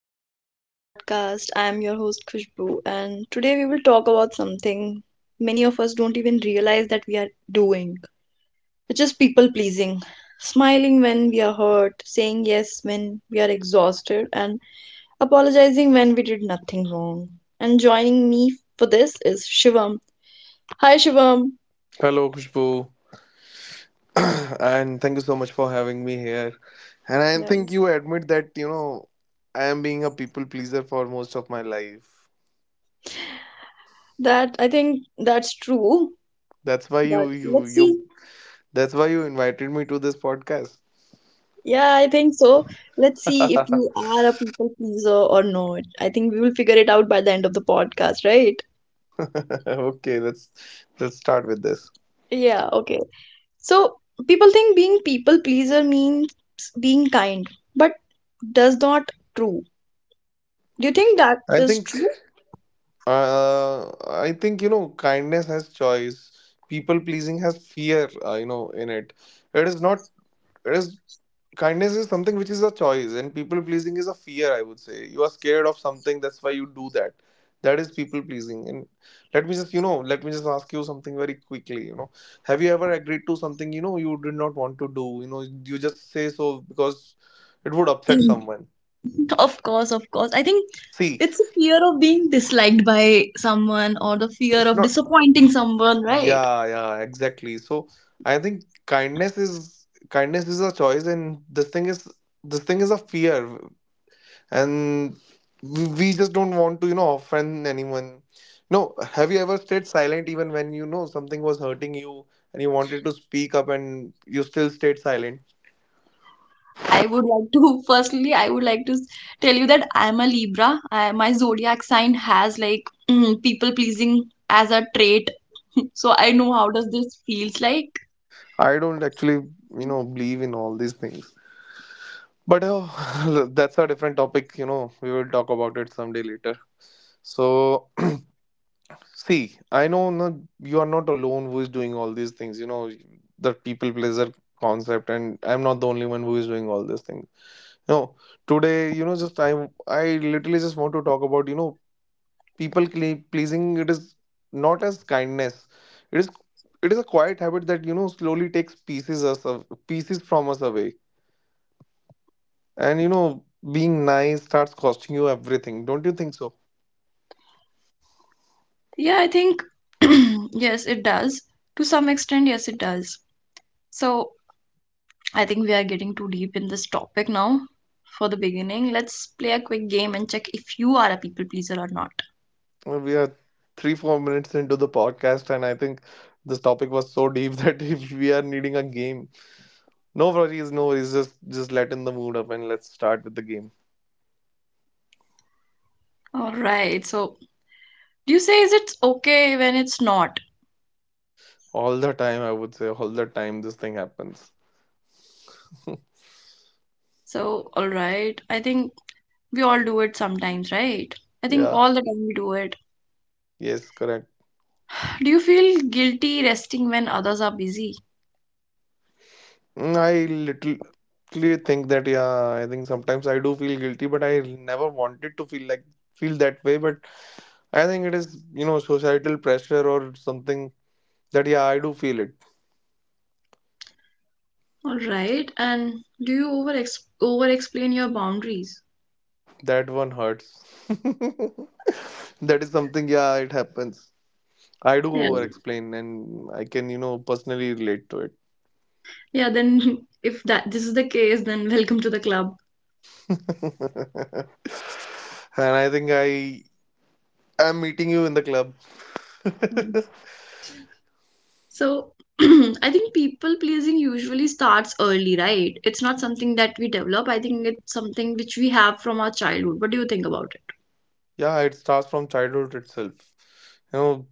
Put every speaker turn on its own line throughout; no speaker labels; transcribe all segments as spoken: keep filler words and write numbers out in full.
welcome back to the podcast. I am your host Khushbu and today we will talk about something many of us don't even realize that we are doing, which is people pleasing. Smiling when we are hurt, saying yes when we are exhausted and apologizing when we did nothing wrong. And joining me for this is Shivam. Hi Shivam.
Hello, Khushbu, and thank you so much for having me here. And I
Yeah.
think you admit that you know I am being a people pleaser for most of my life.
That I think that's true,
That's why you
but
you
let's
you.
see.
That's why you invited me to this podcast.
Yeah, I think so. Let's see if you are a people pleaser or not. I think we will figure it out by the end of the podcast, right?
Okay, let's let's start with this.
Yeah, okay. So people think being people pleaser means being kind, but does not true. Do you think that
I
is
think
true?
uh, I think you know kindness has choice. People pleasing has fear. Uh, you know in it. It is not. It is. Kindness is something which is a choice, and people pleasing is a fear, I would say. You are scared of something, that's why you do that. That is people pleasing. And let me just, you know, let me just ask you something very quickly. You know, have you ever agreed to something, you know, you did not want to do? You know, you just say so because it would upset
Mm.
someone.
Of course, of course. I think
See,
it's a fear of being disliked by someone or the fear
it's
of
not,
disappointing someone, right?
yeah, yeah, exactly. So I think kindness is kindness is a choice, and this thing is this thing is a fear. And we we just don't want to, you know, offend anyone. No, have you ever stayed silent even when you know something was hurting you, and you wanted to speak up and you still stayed silent?
I would like to, firstly, I would like to s- tell you that I'm a Libra. I, my zodiac sign has like people pleasing as a trait. So I know how does this feels like.
I don't actually, you know, believe in all these things, but oh, that's a different topic, you know, we will talk about it someday later. So see, I know, no, you are not alone who is doing all these things, you know, the people pleaser concept, and I'm not the only one who is doing all these things. No, today, you know, just I I literally just want to talk about, you know, people cle- pleasing. It is not as kindness. It is it is a quiet habit that, you know, slowly takes pieces us of, pieces from us away. And you know, being nice starts costing you everything. Don't you think so?
Yeah, I think yes, it does. To some extent, yes, it does. So I think we are getting too deep in this topic now. For the beginning, let's play a quick game and check if you are a people pleaser or not.
Well, we are three, four minutes into the podcast, and I think this topic was so deep that if we are needing a game. No worries, no worries. Just just let in the mood up and let's start with the game.
All right. So you say is it's okay when it's not.
All the time, I would say, all the time this thing happens.
So all right. I think we all do it sometimes, right? I think
Yeah,
all the time we do it.
yes, correct.
Do you feel guilty resting when others are busy?
Mm, I literally think that, yeah, I think sometimes I do feel guilty, but I never wanted to feel like feel that way. But I think it is, you know, societal pressure or something that, yeah, I do feel it.
All right. And do you over ex- over explain your boundaries?
That one hurts. That is something, yeah, it happens. I do
Yeah.
over explain and I can, you know, personally relate to it.
Yeah, then if that this is the case, then welcome to the club.
And I think I am meeting you in the club.
Mm. So I think people pleasing usually starts early, right? It's not something that we develop. I think it's something which we have from our childhood. What do you think about it?
Yeah, it starts from childhood itself, you know.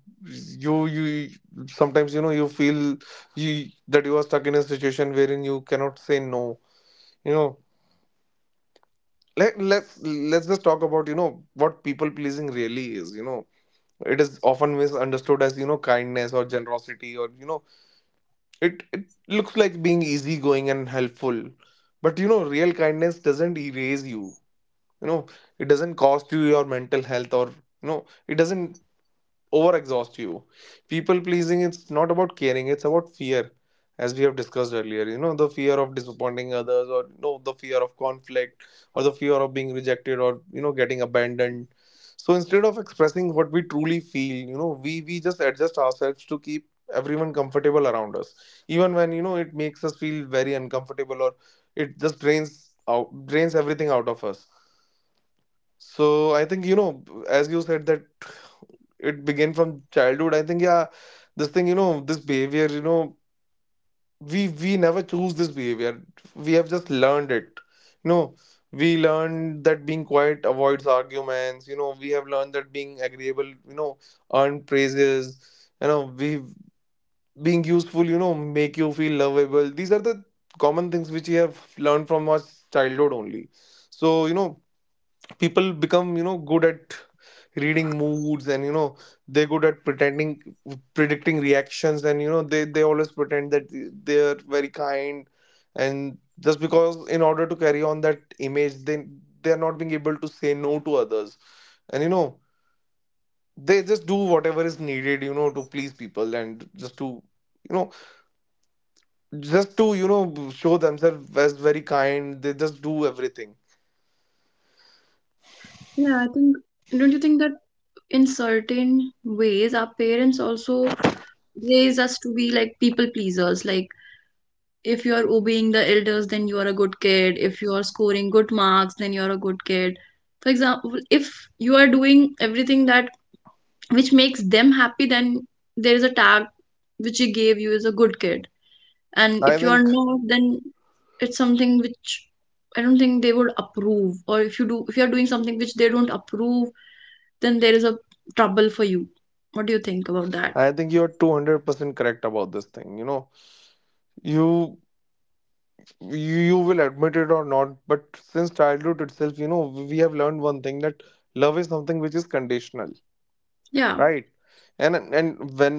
You you sometimes, you know, you feel you that you are stuck in a situation wherein you cannot say no, you know. Let, let's let's just talk about, you know, what people pleasing really is, you know. It is often misunderstood as, you know, kindness or generosity, or, you know, it it looks like being easygoing and helpful. But you know real kindness doesn't erase you. You know, it doesn't cost you your mental health, or, you know, it doesn't overexhaust you. People pleasing, it's not about caring, it's about fear, as we have discussed earlier. You know, the fear of disappointing others, or you know, the fear of conflict, or the fear of being rejected, or you know, getting abandoned. So instead of expressing what we truly feel, you know, we we just adjust ourselves to keep everyone comfortable around us, even when you know it makes us feel very uncomfortable, or it just drains out drains everything out of us. So I think, you know, as you said that it began from childhood, I think yeah, this thing, you know, this behavior, you know, we we never choose this behavior, we have just learned it. You know, we learned that being quiet avoids arguments, you know, we have learned that being agreeable, you know, earn praises. You know, we, being useful, you know, make you feel lovable. These are the common things which we have learned from our childhood only. So you know, people become, you know, good at reading moods, and you know they're good at pretending, predicting reactions, and you know they they always pretend that they're very kind, and just because in order to carry on that image, they they're not being able to say no to others. And you know, they just do whatever is needed, you know, to please people, and just to, you know, just to, you know, show themselves as very kind, they just do everything.
Yeah, I think don't you think that in certain ways our parents also raise us to be like people pleasers. Like if you are obeying the elders, then you are a good kid. If you are scoring good marks, then you are a good kid. For example, if you are doing everything that which makes them happy, then there is a tag which he gave you is a good kid. And
i
if you are
think
not, then it's something which I don't think they would approve. Or if you do, if you are doing something which they don't approve, then there is a trouble for you. What do you think about that?
I think you're two hundred percent correct about this thing, you know. You you you will admit it or not, but since childhood itself, you know, we have learned one thing, that love is something which is conditional,
Yeah.
right? And and when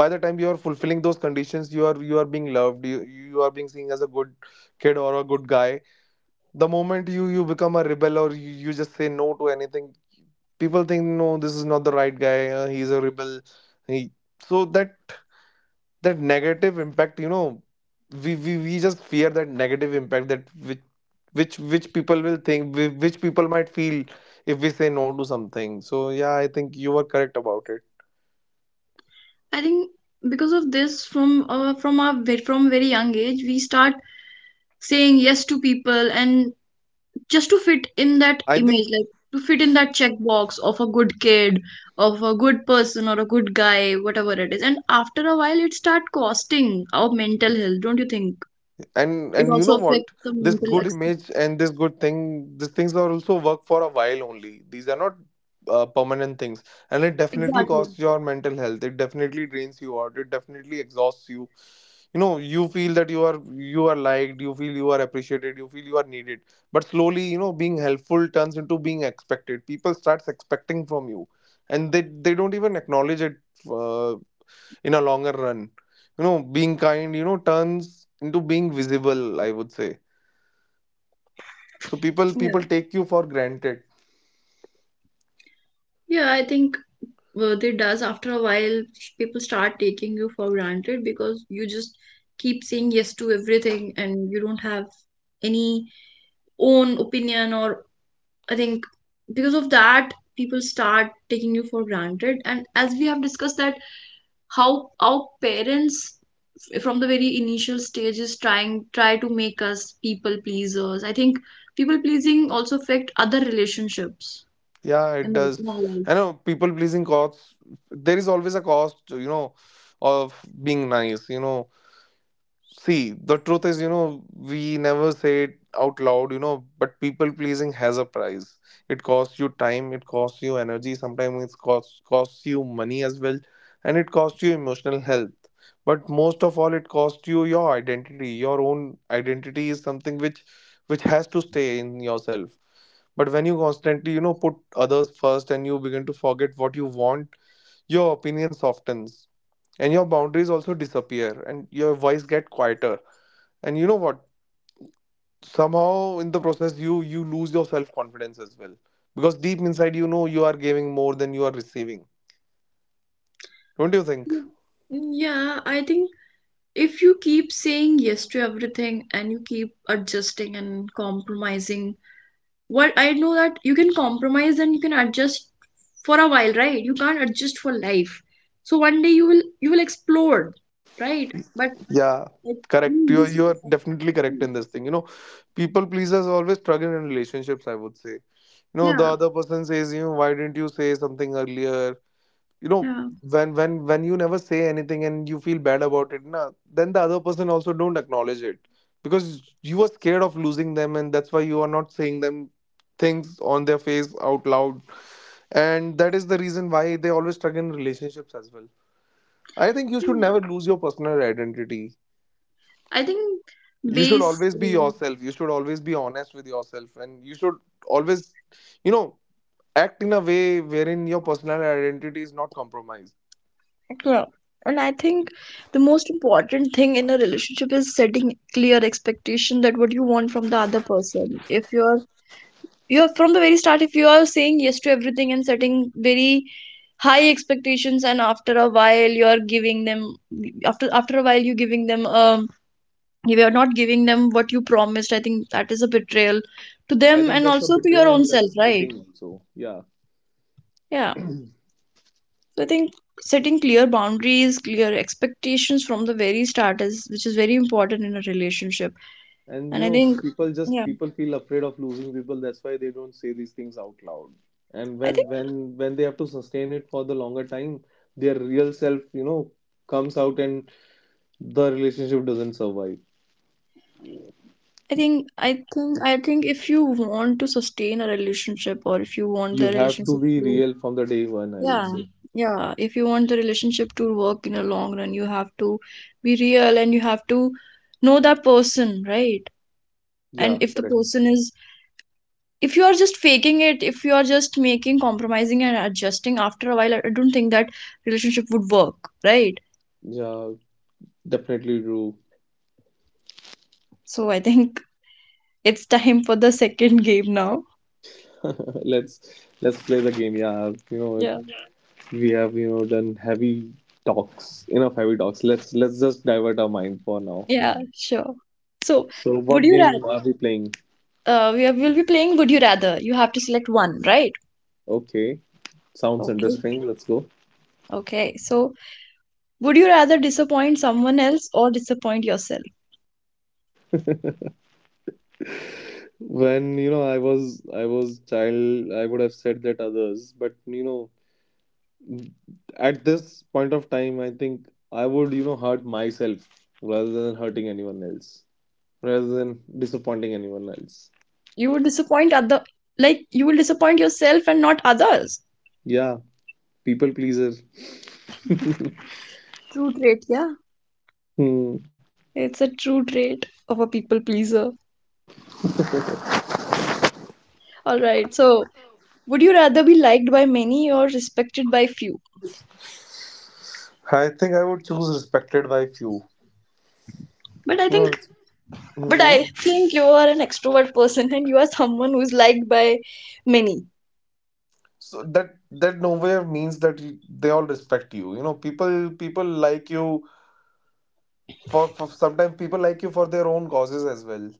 by the time you are fulfilling those conditions, you are you are being loved, you, you are being seen as a good kid or a good guy. The moment you you become a rebel, or you, you just say no to anything, people think no, this is not the right guy, uh, he's a rebel, he, so that that negative impact, you know, we, we we just fear that negative impact, that which which which people will think, whi- which people might feel if we say no to something. So yeah, I think you were correct about it.
I think because of this, from uh, from our ve- from very young age, we start saying yes to people and just to fit in that
I
image,
think
like to fit in that checkbox of a good kid, of a good person, or a good guy, whatever it is. And after a while, it start costing our mental health, don't you think?
and
It
and you
also
know
affects
what,
the
this
mental.
good
Ex-
image and this good thing, these things are also work for a while only, these are not uh, permanent things. And it definitely
exactly.
costs your mental health, it definitely drains you out, it definitely exhausts you. You know, you feel that you are, you are liked, you feel you are appreciated, you feel you are needed, but slowly, you know, being helpful turns into being expected, people starts expecting from you, and they they don't even acknowledge it. uh, in a longer run, you know, being kind, you know, turns into being visible, I would say. So people
Yeah.
people take you for granted.
Yeah, I think worth it does after a while people start taking you for granted because you just keep saying yes to everything and you don't have any own opinion or I think because of that people start taking you for granted, and as we have discussed that how our parents f- from the very initial stages trying try to make us people pleasers. I think people pleasing also affect other relationships
Yeah, it
in our
does.
in our life.
I know people pleasing costs, there is always a cost, you know, of being nice, you know. See, the truth is, you know, we never say it out loud, you know, but people pleasing has a price. It costs you time, it costs you energy, sometimes it costs costs you money as well, and it costs you emotional health. But most of all, it costs you your identity. Your own identity is something which which has to stay in yourself. But when you constantly, you know, put others first and you begin to forget what you want, your opinion softens, and your boundaries also disappear, and your voice get quieter. And you know what, somehow in the process, you you lose your self confidence as well, because deep inside, you know, you are giving more than you are receiving. Don't you think?
Yeah. Yeah, I think if you keep saying yes to everything and you keep adjusting and compromising, what I know that you can compromise and you can adjust for a while, right? You can't adjust for life. So one day you will you will explode, right? But
Yeah,
like,
correct.
mm,
You are,
this,
you are definitely correct in this thing, you know. People pleasers always struggle in relationships, I would say. You know, the
yeah,
other person says, you know, why didn't you say something earlier? You know,
yeah,
when when when you never say anything and you feel bad about it na, then the other person also don't acknowledge it, because you are scared of losing them, and that's why you are not saying them things on their face out loud. And that is the reason why they always struggle in relationships as well. I think you should never lose your personal identity.
I think
You should
base.
always be yourself, you should always be honest with yourself, and you should always, you know, act in a way wherein your personal identity is not compromised.
Yeah. And I think the most important thing in a relationship is setting clear expectation that what you want from the other person. If you're You are from the very start if you are saying yes to everything and setting very high expectations, and after a while you are giving them after after a while you giving them um you are not giving them what you promised. I think that is a betrayal to
I
them
think
and
that's a
also to
betrayal,
your
and
own self,
that's
right?
cheating also. Yeah.
Yeah. So I think setting clear boundaries, clear expectations from the very start is which is very important in a relationship.
And you
And I
know,
think
people just
yeah,
people feel afraid of losing people. That's why they don't say these things out loud. And
I
when
think
when when they have to sustain it for the longer time, their real self, you know, comes out, and the relationship doesn't survive.
I think I think I think if you want to sustain a relationship, or if you want
You
the
have to
relationship
be
to
real from the day one, I would
yeah,
say.
yeah, if you want the relationship to work in a long run, you have to be real, and you have to know that person, right?
Yeah,
And if the
correct.
person is, if you are just faking it, if you are just making compromising and adjusting after a while, I I don't think that relationship would work, right?
Yeah, definitely true.
So I think it's time for the second game now.
Let's let's play the game. Yeah, you know,
Yeah,
we have, you know, done heavy talks enough heavy talks, let's let's just divert our mind for now.
yeah, sure. So
So what
would you
game
rather,
are we playing?
uh, we are, we'll be playing Would You Rather. You have to select one, right?
Okay, sounds
Okay.
interesting, let's go.
Okay. So, would you rather disappoint someone else or disappoint yourself?
When, you know, i was I was child, I would have said that others, but you know, at this point of time, I think I would, you know, hurt myself rather than hurting anyone else, rather than disappointing anyone else.
You would disappoint other, like you will disappoint yourself and not others.
Yeah. People pleaser.
True trait, yeah.
Hmm.
It's a true trait of a people pleaser. All right. So, would you rather be liked by many or respected by few?
I think I would choose respected by few.
But I
Hmm.
think, but
Hmm.
I think you are an extrovert person and you are someone who's liked by many.
So that that nowhere means that you, they all respect you. You know, people people like you for, for sometimes people like you for their own causes as well.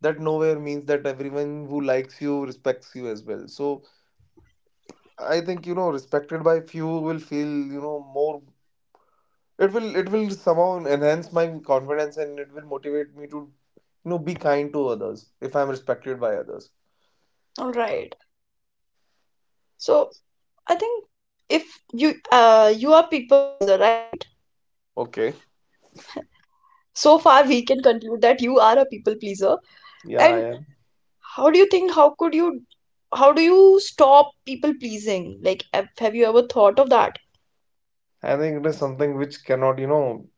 That nowhere means that everyone who likes you respects you as well. So I think you know respected by few will feel you know more. It will it will somehow enhance my confidence, and it will motivate me to you know be kind to others if I'm respected by others.
All right. So, I think if you uh you are people pleaser, right?
Okay.
So far we can conclude that you are a people pleaser.
Yeah, I
And
am.
how do you think how could you how do you stop people pleasing? Like have, have you ever thought of that?
I think it is something which cannot you know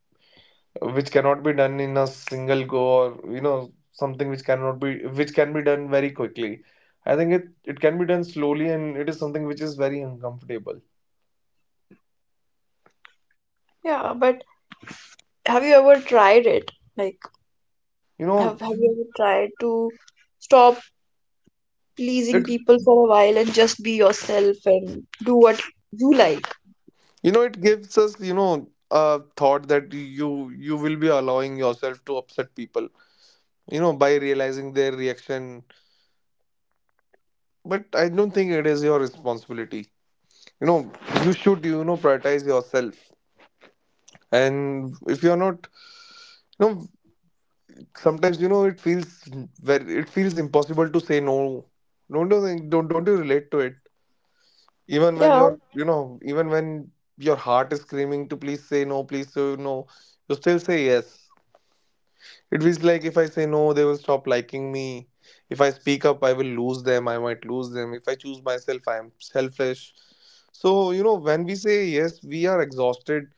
which cannot be done in a single go, or you know something which cannot be which can be done very quickly. I think it it can be done slowly, and it is something which is very uncomfortable.
Yeah, but have you ever tried it? Like
you
have
know
have you ever tried to stop pleasing
it
people for a while and just be yourself and do what you like?
you know it gives us you know a thought that you you will be allowing yourself to upset people, you know by realizing their reaction. But I don't think it is your responsibility. you know you should you know prioritize yourself. And if you're not, you know sometimes you know it feels very it feels impossible to say no. Don't you think? Don't, don't you relate to it, even when
Yeah,
you're — you know even when your heart is screaming, to "please say no, please say no," you still say yes? It feels like if I say no, they will stop liking me. If I speak up, I will lose them. I might lose them. If I choose myself, I am selfish. So, you know, when we say yes, we are exhausted.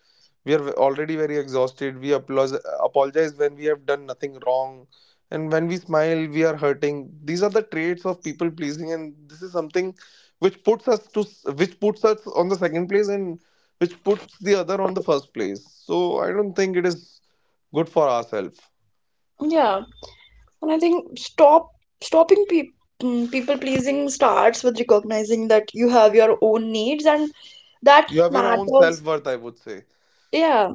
We are already very exhausted. We applause, apologize when we have done nothing wrong. And when we smile, we are hurting. These are the traits of people pleasing. And this is something which puts us to, which puts us on the second place, and which puts the other on the first place. So I don't think it is good for ourselves.
yeah. And I think stop stopping pe- mm, people pleasing starts with recognizing that you have your own needs and that
You have your own self
matters.
worth, I would say.
Yeah,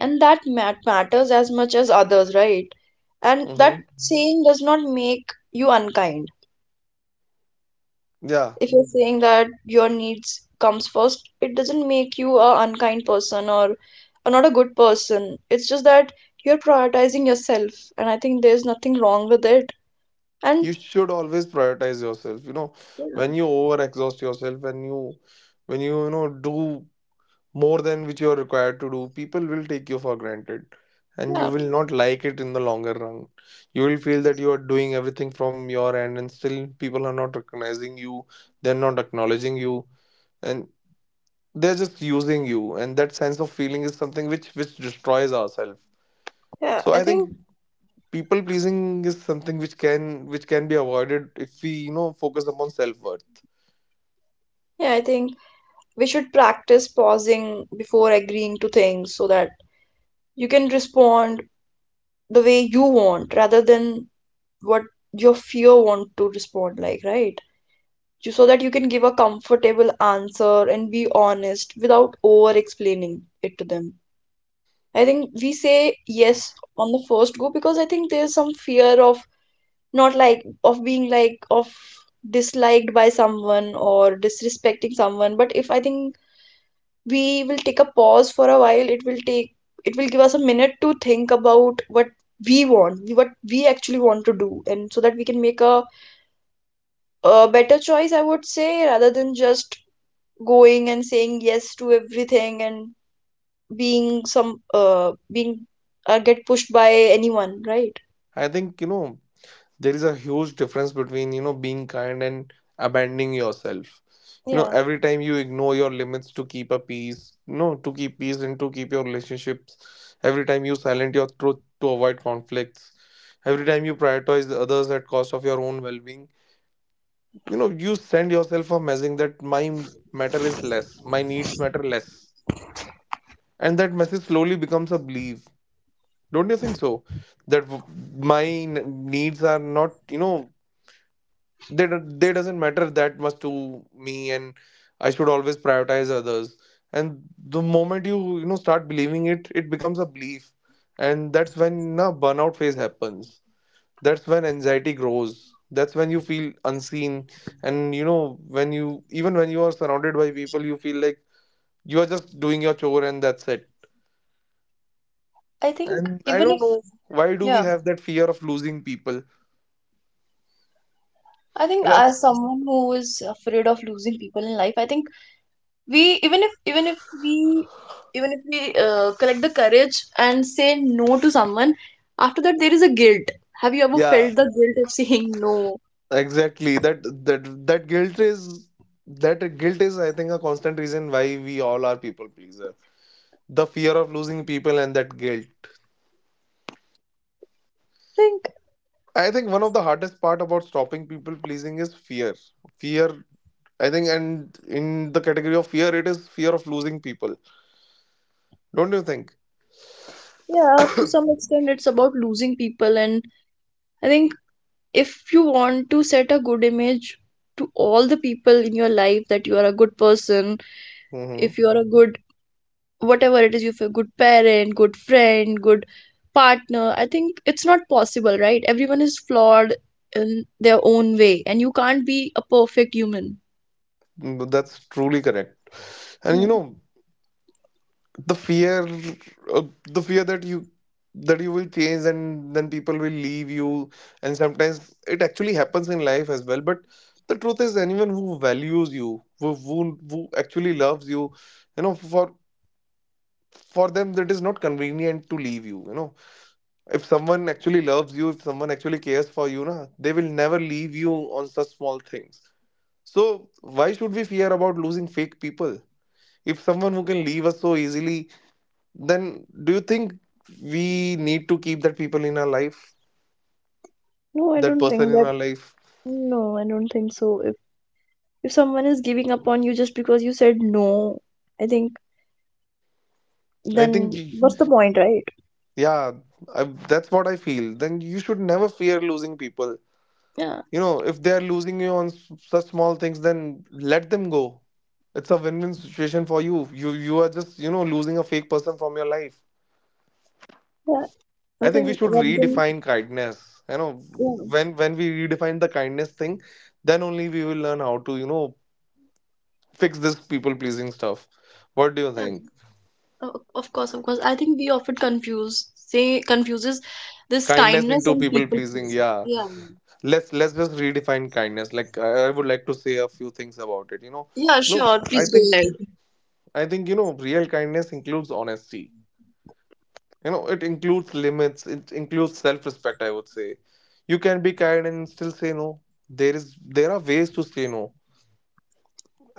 and that mat- matters as much as others, right? And that
Mm-hmm.
saying does not make you unkind.
Yeah.
If you're saying that your needs comes first, it doesn't make you a unkind person, or, or not a good person. It's just that you're prioritizing yourself, and I think there's nothing wrong with it. And
You should always prioritize yourself. You know
yeah,
when you over exhaust yourself, when you when you you know do more than which you are required to do, people will take you for granted, and you
yeah,
will not like it in the longer run. You will feel that you are doing everything from your end, and still people are not recognizing you, they're not acknowledging you, and they're just using you. And that sense of feeling is something which which destroys ourselves.
yeah,
So
I
I think
think.
people pleasing is something which can which can be avoided if we you know focus upon self-worth.
Yeah, I think we should practice pausing before agreeing to things so that you can respond the way you want rather than what your fear want to respond like, right? Ju- So that you can give a comfortable answer and be honest without over explaining it to them. I think we say yes on the first go because I think there's some fear of not like of being like of disliked by someone or disrespecting someone. But if I think we will take a pause for a while, it will take, it will give us a minute to think about what we want, what we actually want to do, and so that we can make a, a better choice, I would say, rather than just going and saying yes to everything and being some uh being uh, get pushed by anyone, right?
I think you know there is a huge difference between you know being kind and abandoning yourself. You know
Yeah,
every time you ignore your limits to keep a peace, no, to keep peace and to keep your relationships, every time you silent your truth to avoid conflicts, every time you prioritize the others at cost of your own well-being, you know you send yourself a message that my matter is less, my needs matter less. And that message slowly becomes a belief. Don't you think so? That w- my n- needs are not, you know they, do they doesn't matter that much to me, and I should always prioritize others. And the moment you you know start believing it it becomes a belief. And that's when a burnout phase happens. That's when anxiety grows. That's when you feel unseen. And you know when you even when you are surrounded by people, you feel like you are just doing your chore, and that's it.
I think
And I
even
don't
if,
know why do we
yeah,
have that fear of losing people?
I think
And that's
as someone who is afraid of losing people in life, I think we even if even if we even if we uh, collect the courage and say no to someone, after that there is a guilt. Have you ever
Yeah,
felt the guilt of saying no? I
exactly. That that that guilt is that guilt is I think, a constant reason why we all are people pleaser. The fear of losing people and that guilt.
think
I think one of the hardest part about stopping people pleasing is fear. Fear, I think, and in the category of fear, it is fear of losing people. Don't you think?
yeah, to some extent it's about losing people, and I think if you want to set a good image to all the people in your life that you are a good person, if
Mm-hmm.
you are a good, whatever it is, you feel good parent, good friend, good partner, I think it's not possible, right? Everyone is flawed in their own way and you can't be a perfect human.
Mm, that's truly correct. And you
No,
know, the fear, uh, the fear that you that you will change, and then people will leave you, and sometimes it actually happens in life as well. But the truth is, anyone who values you, who, who, who actually loves you, you know for for them, that is not convenient to leave you you know If someone actually loves you, if someone actually cares for you, na, they will never leave you on such small things. So why should we fear about losing fake people? If someone who can leave us so easily, then do you think we need to keep that people in our life
no, I
that
don't
person
think
in
that.
our life?
No, I don't think so. If if someone is giving up on you just because you said no, I think
I think
then
y-
what's the point, right?
yeah, I, that's what I feel. Then you should never fear losing people.
Yeah.
You know if they are losing you on s- such small things, then let them go. It's a win-win situation for you. You you are just you know losing a fake person from your life.
Yeah, I
I think we
think
should
rather than
redefine kindness. You know
yeah,
when when we redefine the kindness thing, then only we will learn how to you know fix this people pleasing stuff. What do you
yeah,
think?
Oh, of course, of course. I think we often confuse say confuses this
Kindness
kindness
into
and
people
people
pleasing.
pleasing.
Yeah.
Yeah.
Let's let's just redefine kindness. Like, I, I would like to say a few things about it you know
Yeah,
you know
sure.
i
Please go
think
ahead.
i think you know real kindness includes honesty. You know it includes limits, it includes self-respect, I would say. You can be kind and still say no. There is there are ways to say no.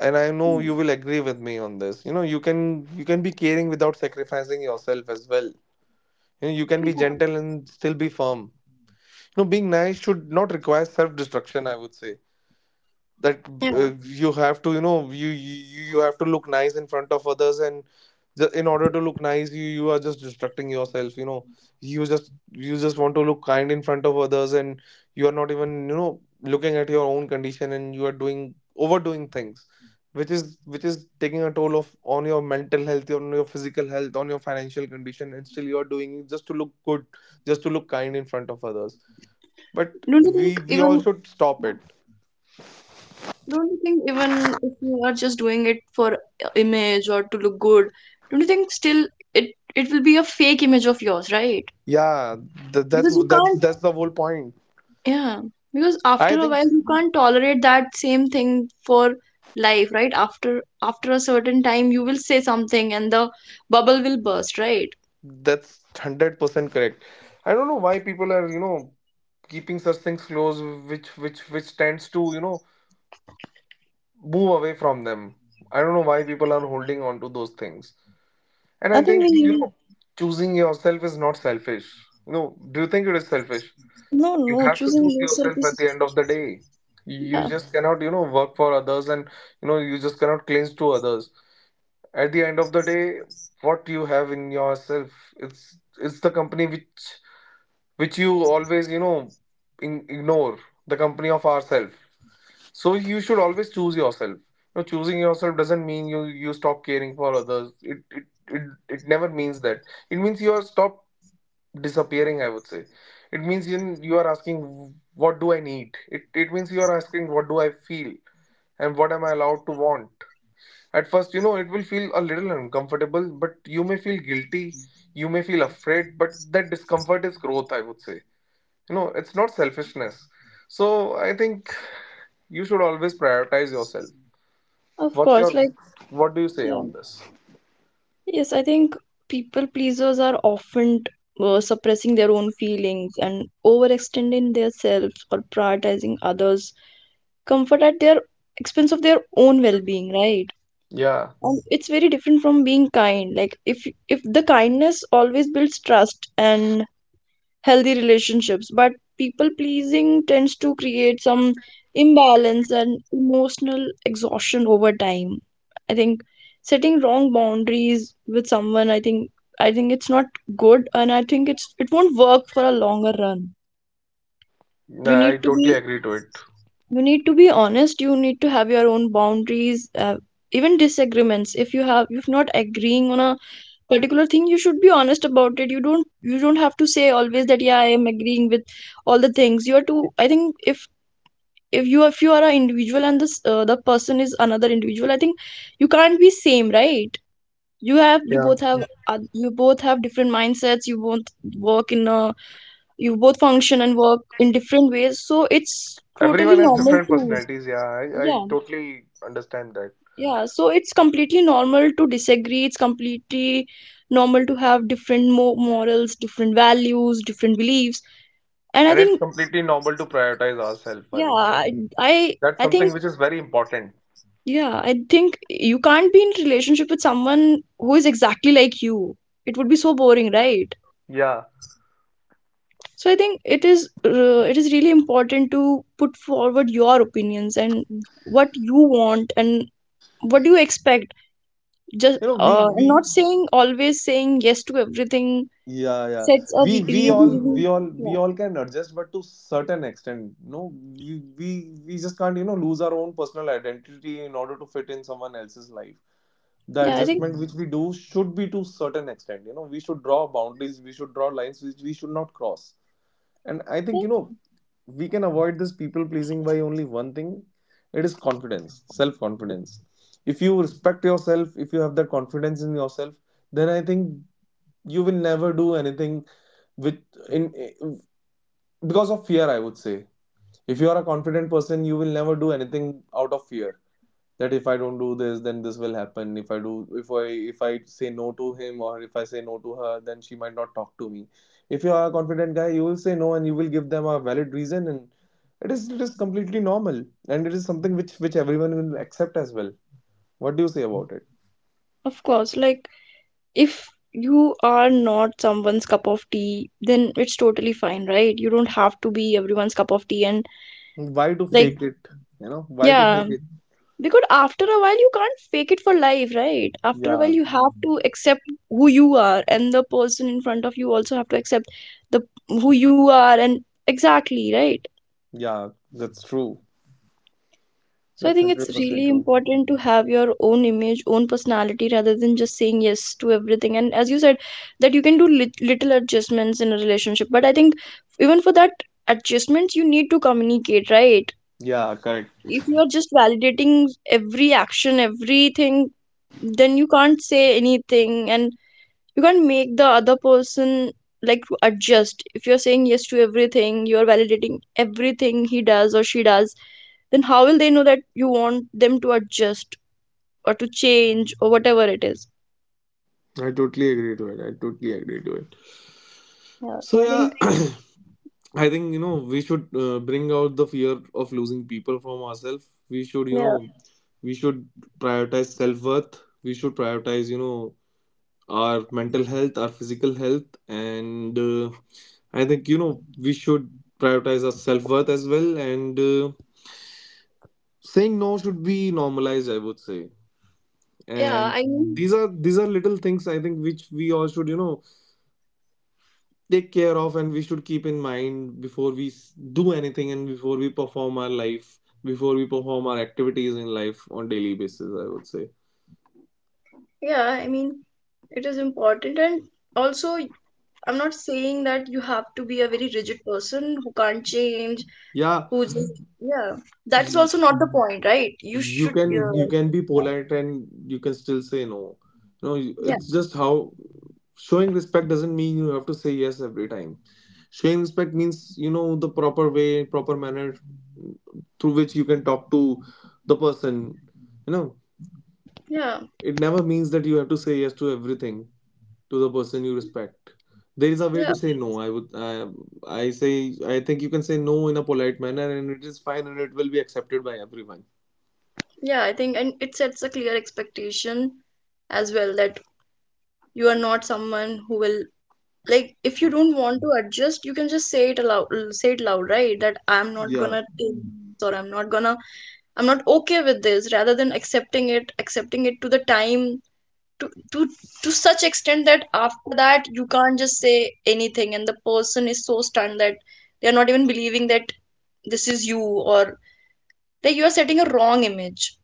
And I know
Yeah.
you will agree with me on this. you know you can you can be caring without sacrificing yourself as well. You know you can be
Yeah.
gentle and still be firm. You know being nice should not require self-destruction, I would say. That
Yeah.
uh, You have to you know you, you you have to look nice in front of others, and ju- in order to look nice, you you are just distracting yourself. you know you just you just want to look kind in front of others. And you are not even you know looking at your own condition, and you are doing overdoing things, which is which is taking a toll of on your mental health, on your physical health, on your financial condition, and still you are doing it just to look good, just to look kind in front of others. But
Don't you
we
think
we all
even
should stop
yeah.
it.
Don't you think even if you are just doing it for uh, image or to look good, don't you think still it it will be a fake image of yours, right?
Yeah, th- that's
Because you
that's
can't,
that's the whole point.
yeah, because
I
after a
think
while you can't tolerate that same thing for life, right? After after a certain time you will say something and the bubble will burst, right?
that's hundred percent correct. I don't know why people are you know keeping such things close, which which which tends to you know move away from them. I don't know why people are holding on to those things. And
I
I
think
think you
we
know choosing yourself is not selfish. You know, do you think it is selfish?
no
You
no
have to
choosing
choose
yourself
yourself
is
at the end of the day. You
yeah,
just cannot you know work for others, and you know you just cannot cling to others. At the end of the day, what you have in yourself, it's it's the company which which you always you know in, ignore — the company of ourselves. So you should always choose yourself. You know, choosing yourself doesn't mean you you stop caring for others. It it it, it never means that. It means you are stop disappearing, I would say. It means you you are asking what do I need. It it means you are asking what do I feel, and what am I allowed to want. At first, you know, it will feel a little uncomfortable, but you may feel guilty, you may feel afraid, but that discomfort is growth, I would say. You know, it's not selfishness. So I think you should always prioritize yourself.
of
What's
course,
your,
like
what do you say
yeah,
on this?
yes, I think people pleasers are often uh, suppressing their own feelings and overextending themselves or prioritizing others comfort at their expense of their own well-being, right?
Yeah,
Um, it's very different from being kind. Like, if if the kindness always builds trust and healthy relationships, but people pleasing tends to create some imbalance and emotional exhaustion over time. I think setting wrong boundaries with someone, i think I think it's not good, and I think it's it won't work for a longer run. you
nah, I
need to
totally
be
agree to it.
you need to be honest, you need to have your own boundaries, uh, even disagreements. If you have, if not agreeing on a particular thing, you should be honest about it. You don't you don't have to say always that yeah, I am agreeing with all the things you are to. I think, if if you if you are an individual and this uh, the person is another individual, I think you can't be same, right? You have you
Yeah.
both have uh, you both have different mindsets. You both work in a, you both function and work in different ways, so it's totally
Everyone has
normal
different
to,
personalities. Yeah, I, I
yeah.
totally understand that.
Yeah, so it's completely normal to disagree. It's completely normal to have different mo morals, different values, different beliefs. And I
And it's
think,
completely normal to prioritize ourselves, I
yeah,
would say.
I, I
That's
I
something
think,
which is very important.
yeah, I think you can't be in relationship with someone who is exactly like you. It would be so boring, right?
Yeah.
So I think it is, uh, it is really important to put forward your opinions and what you want and what do you expect. Just,
You know, we
uh, and
we
not saying always saying yes to everything
Yeah, yeah.
sets are
We
re-
we
really
all
really,
we all
yeah.
we all can adjust, but to certain extent, no, we we we just can't you know lose our own personal identity in order to fit in someone else's life. The
Yeah, I think,
adjustment which we do should be to certain extent. You know, we should draw boundaries, we should draw lines which we should not cross. And I think
yeah,
you know we can avoid this people pleasing by only one thing. It is confidence, self confidence. If you respect yourself, if you have that confidence in yourself, then I think you will never do anything with in eh, because of fear i would say. If you are a confident person, you will never do anything out of fear that if I don't do this then this will happen. If I do if I If I say no to him or if I say no to her, then she might not talk to me. If you are a confident guy, you will say no and you will give them a valid reason, and it is it is completely normal, and it is something which which everyone will accept as well. What do you say about it?
of course, like if you are not someone's cup of tea, then it's totally fine, right? You don't have to be everyone's cup of tea. And,
Why to
like,
fake it? You know why to
yeah,
fake it?
because after a while, you can't fake it for life, right? After a while,
Yeah,
you have to accept who you are, and the person in front of you also have to accept the who you are, and exactly, right?
yeah, that's true.
So I
That's
think it's
one hundred percent
really
true.
important to have your own image, own personality rather than just saying yes to everything. And as you said, that you can do lit- little adjustments in a relationship. But I think even for that adjustments, you need to communicate, right?
Yeah, correct.
If you are just validating every action, everything, then you can't say anything and you can't make the other person like to adjust. If you're saying yes to everything, you're validating everything he does or she does, then how will they know that you want them to adjust? Or to change or whatever it is.
I totally agree to it. I totally agree to it.
Yeah, so
So
I
yeah,
think
I think you know we should uh, bring out the fear of losing people from ourselves. We should you
yeah,
know we should prioritize self worth. We should prioritize you know our mental health, our physical health, and uh, I think you know we should prioritize our self worth as well. And uh, saying no should be normalized, I would say,
yeah,
and
I mean,
these are these are little things I think which we all should you know take care of, and we should keep in mind before we s- do anything, and before we perform our life, before we perform our activities in life on daily basis, I would say.
yeah, I mean, it is important. And also, I'm not saying that you have to be a very rigid person who can't change,
Yeah,
who just yeah, that's
you,
also not the point, right? You
you
should,
can you
uh,
can be
yeah,
polite, and you can still say no. You know you-
yeah,
it's just how. Showing respect doesn't mean you have to say yes every time. Showing respect means, you know, the proper way, proper manner, mm, through which you can talk to the person, you know.
yeah,
It never means that you have to say yes to everything, to the person you respect. There is a way
yeah.
to say no. I would, I, I say, I think you can say no in a polite manner, and it is fine, and it will be accepted by everyone.
Yeah, I think, and it sets a clear expectation as well that you are not someone who will, like, if you don't want to adjust, you can just say it aloud, say it loud, right? That I'm not
Yeah,
gonna take this, or I'm not gonna, I'm not okay with this, rather than accepting it, accepting it to the time, to to to such extent that after that you can't just say anything and the person is so stunned that they're not even believing that this is you, or that you are setting a wrong image.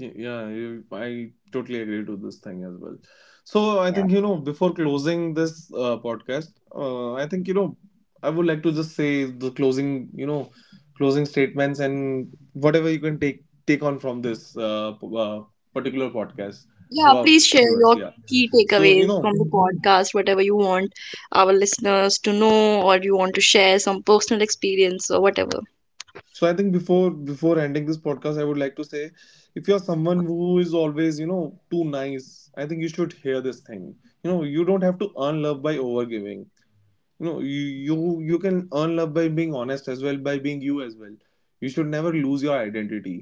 y- yeah, you- I totally agree to this thing as well. So I
Yeah.
think you know before closing this uh, podcast, uh, I think you know I would like to just say the closing, you know, closing statements and whatever you can take take on from this uh, p- uh, particular podcast to
Yeah,
our
please share
viewers.
your
Yeah.
key
So you
takeaways from
know
the podcast, whatever you want our listeners to know, or you want to share some personal experience or whatever.
So I think before before ending this podcast, I would like to say, if you're someone who is always, you know, too nice, I think you should hear this thing. You know, you don't have to earn love by overgiving. You know, you you you can earn love by being honest as well, by being you as well. You should never lose your identity.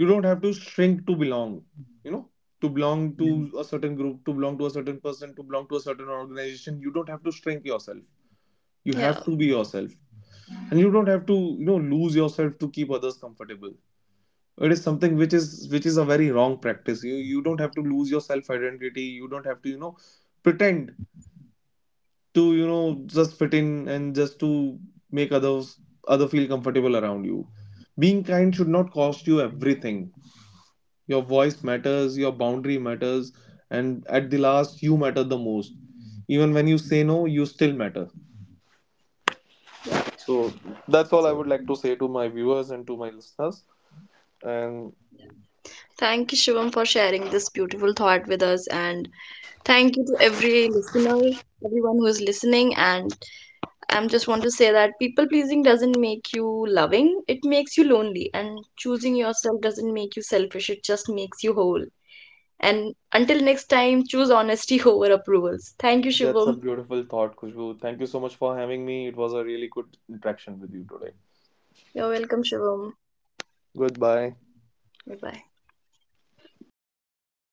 You don't have to shrink to belong. You know, to belong to a certain group, to belong to a certain person, to belong to a certain organization. You don't have to shrink yourself. You
Yeah,
have to be yourself, and you don't have to, you know, lose yourself to keep others comfortable. It is something which is which is a very wrong practice. You you don't have to lose your self identity. You don't have to, you know, pretend to, you know, just fit in and just to make others other feel comfortable around you. Being kind should not cost you everything. Your voice matters, your boundary matters, and at the last, you matter the most. Even when you say no, you still matter.
yeah.
So that's all I
So,
would like to say to my viewers and to my listeners. And
yeah. Thank you, Shivam, for sharing this beautiful thought with us, and thank you to every listener, everyone who is listening. And I just want to say that people pleasing doesn't make you loving; it makes you lonely, and choosing yourself doesn't make you selfish; it just makes you whole. And until next time, choose honesty over approvals. Thank you,
that's a
Shivam.
beautiful thought, Khushbu. Thank you so much for having me. It was a really good interaction with you today.
You're welcome, Shivam.
Goodbye.
Bye bye.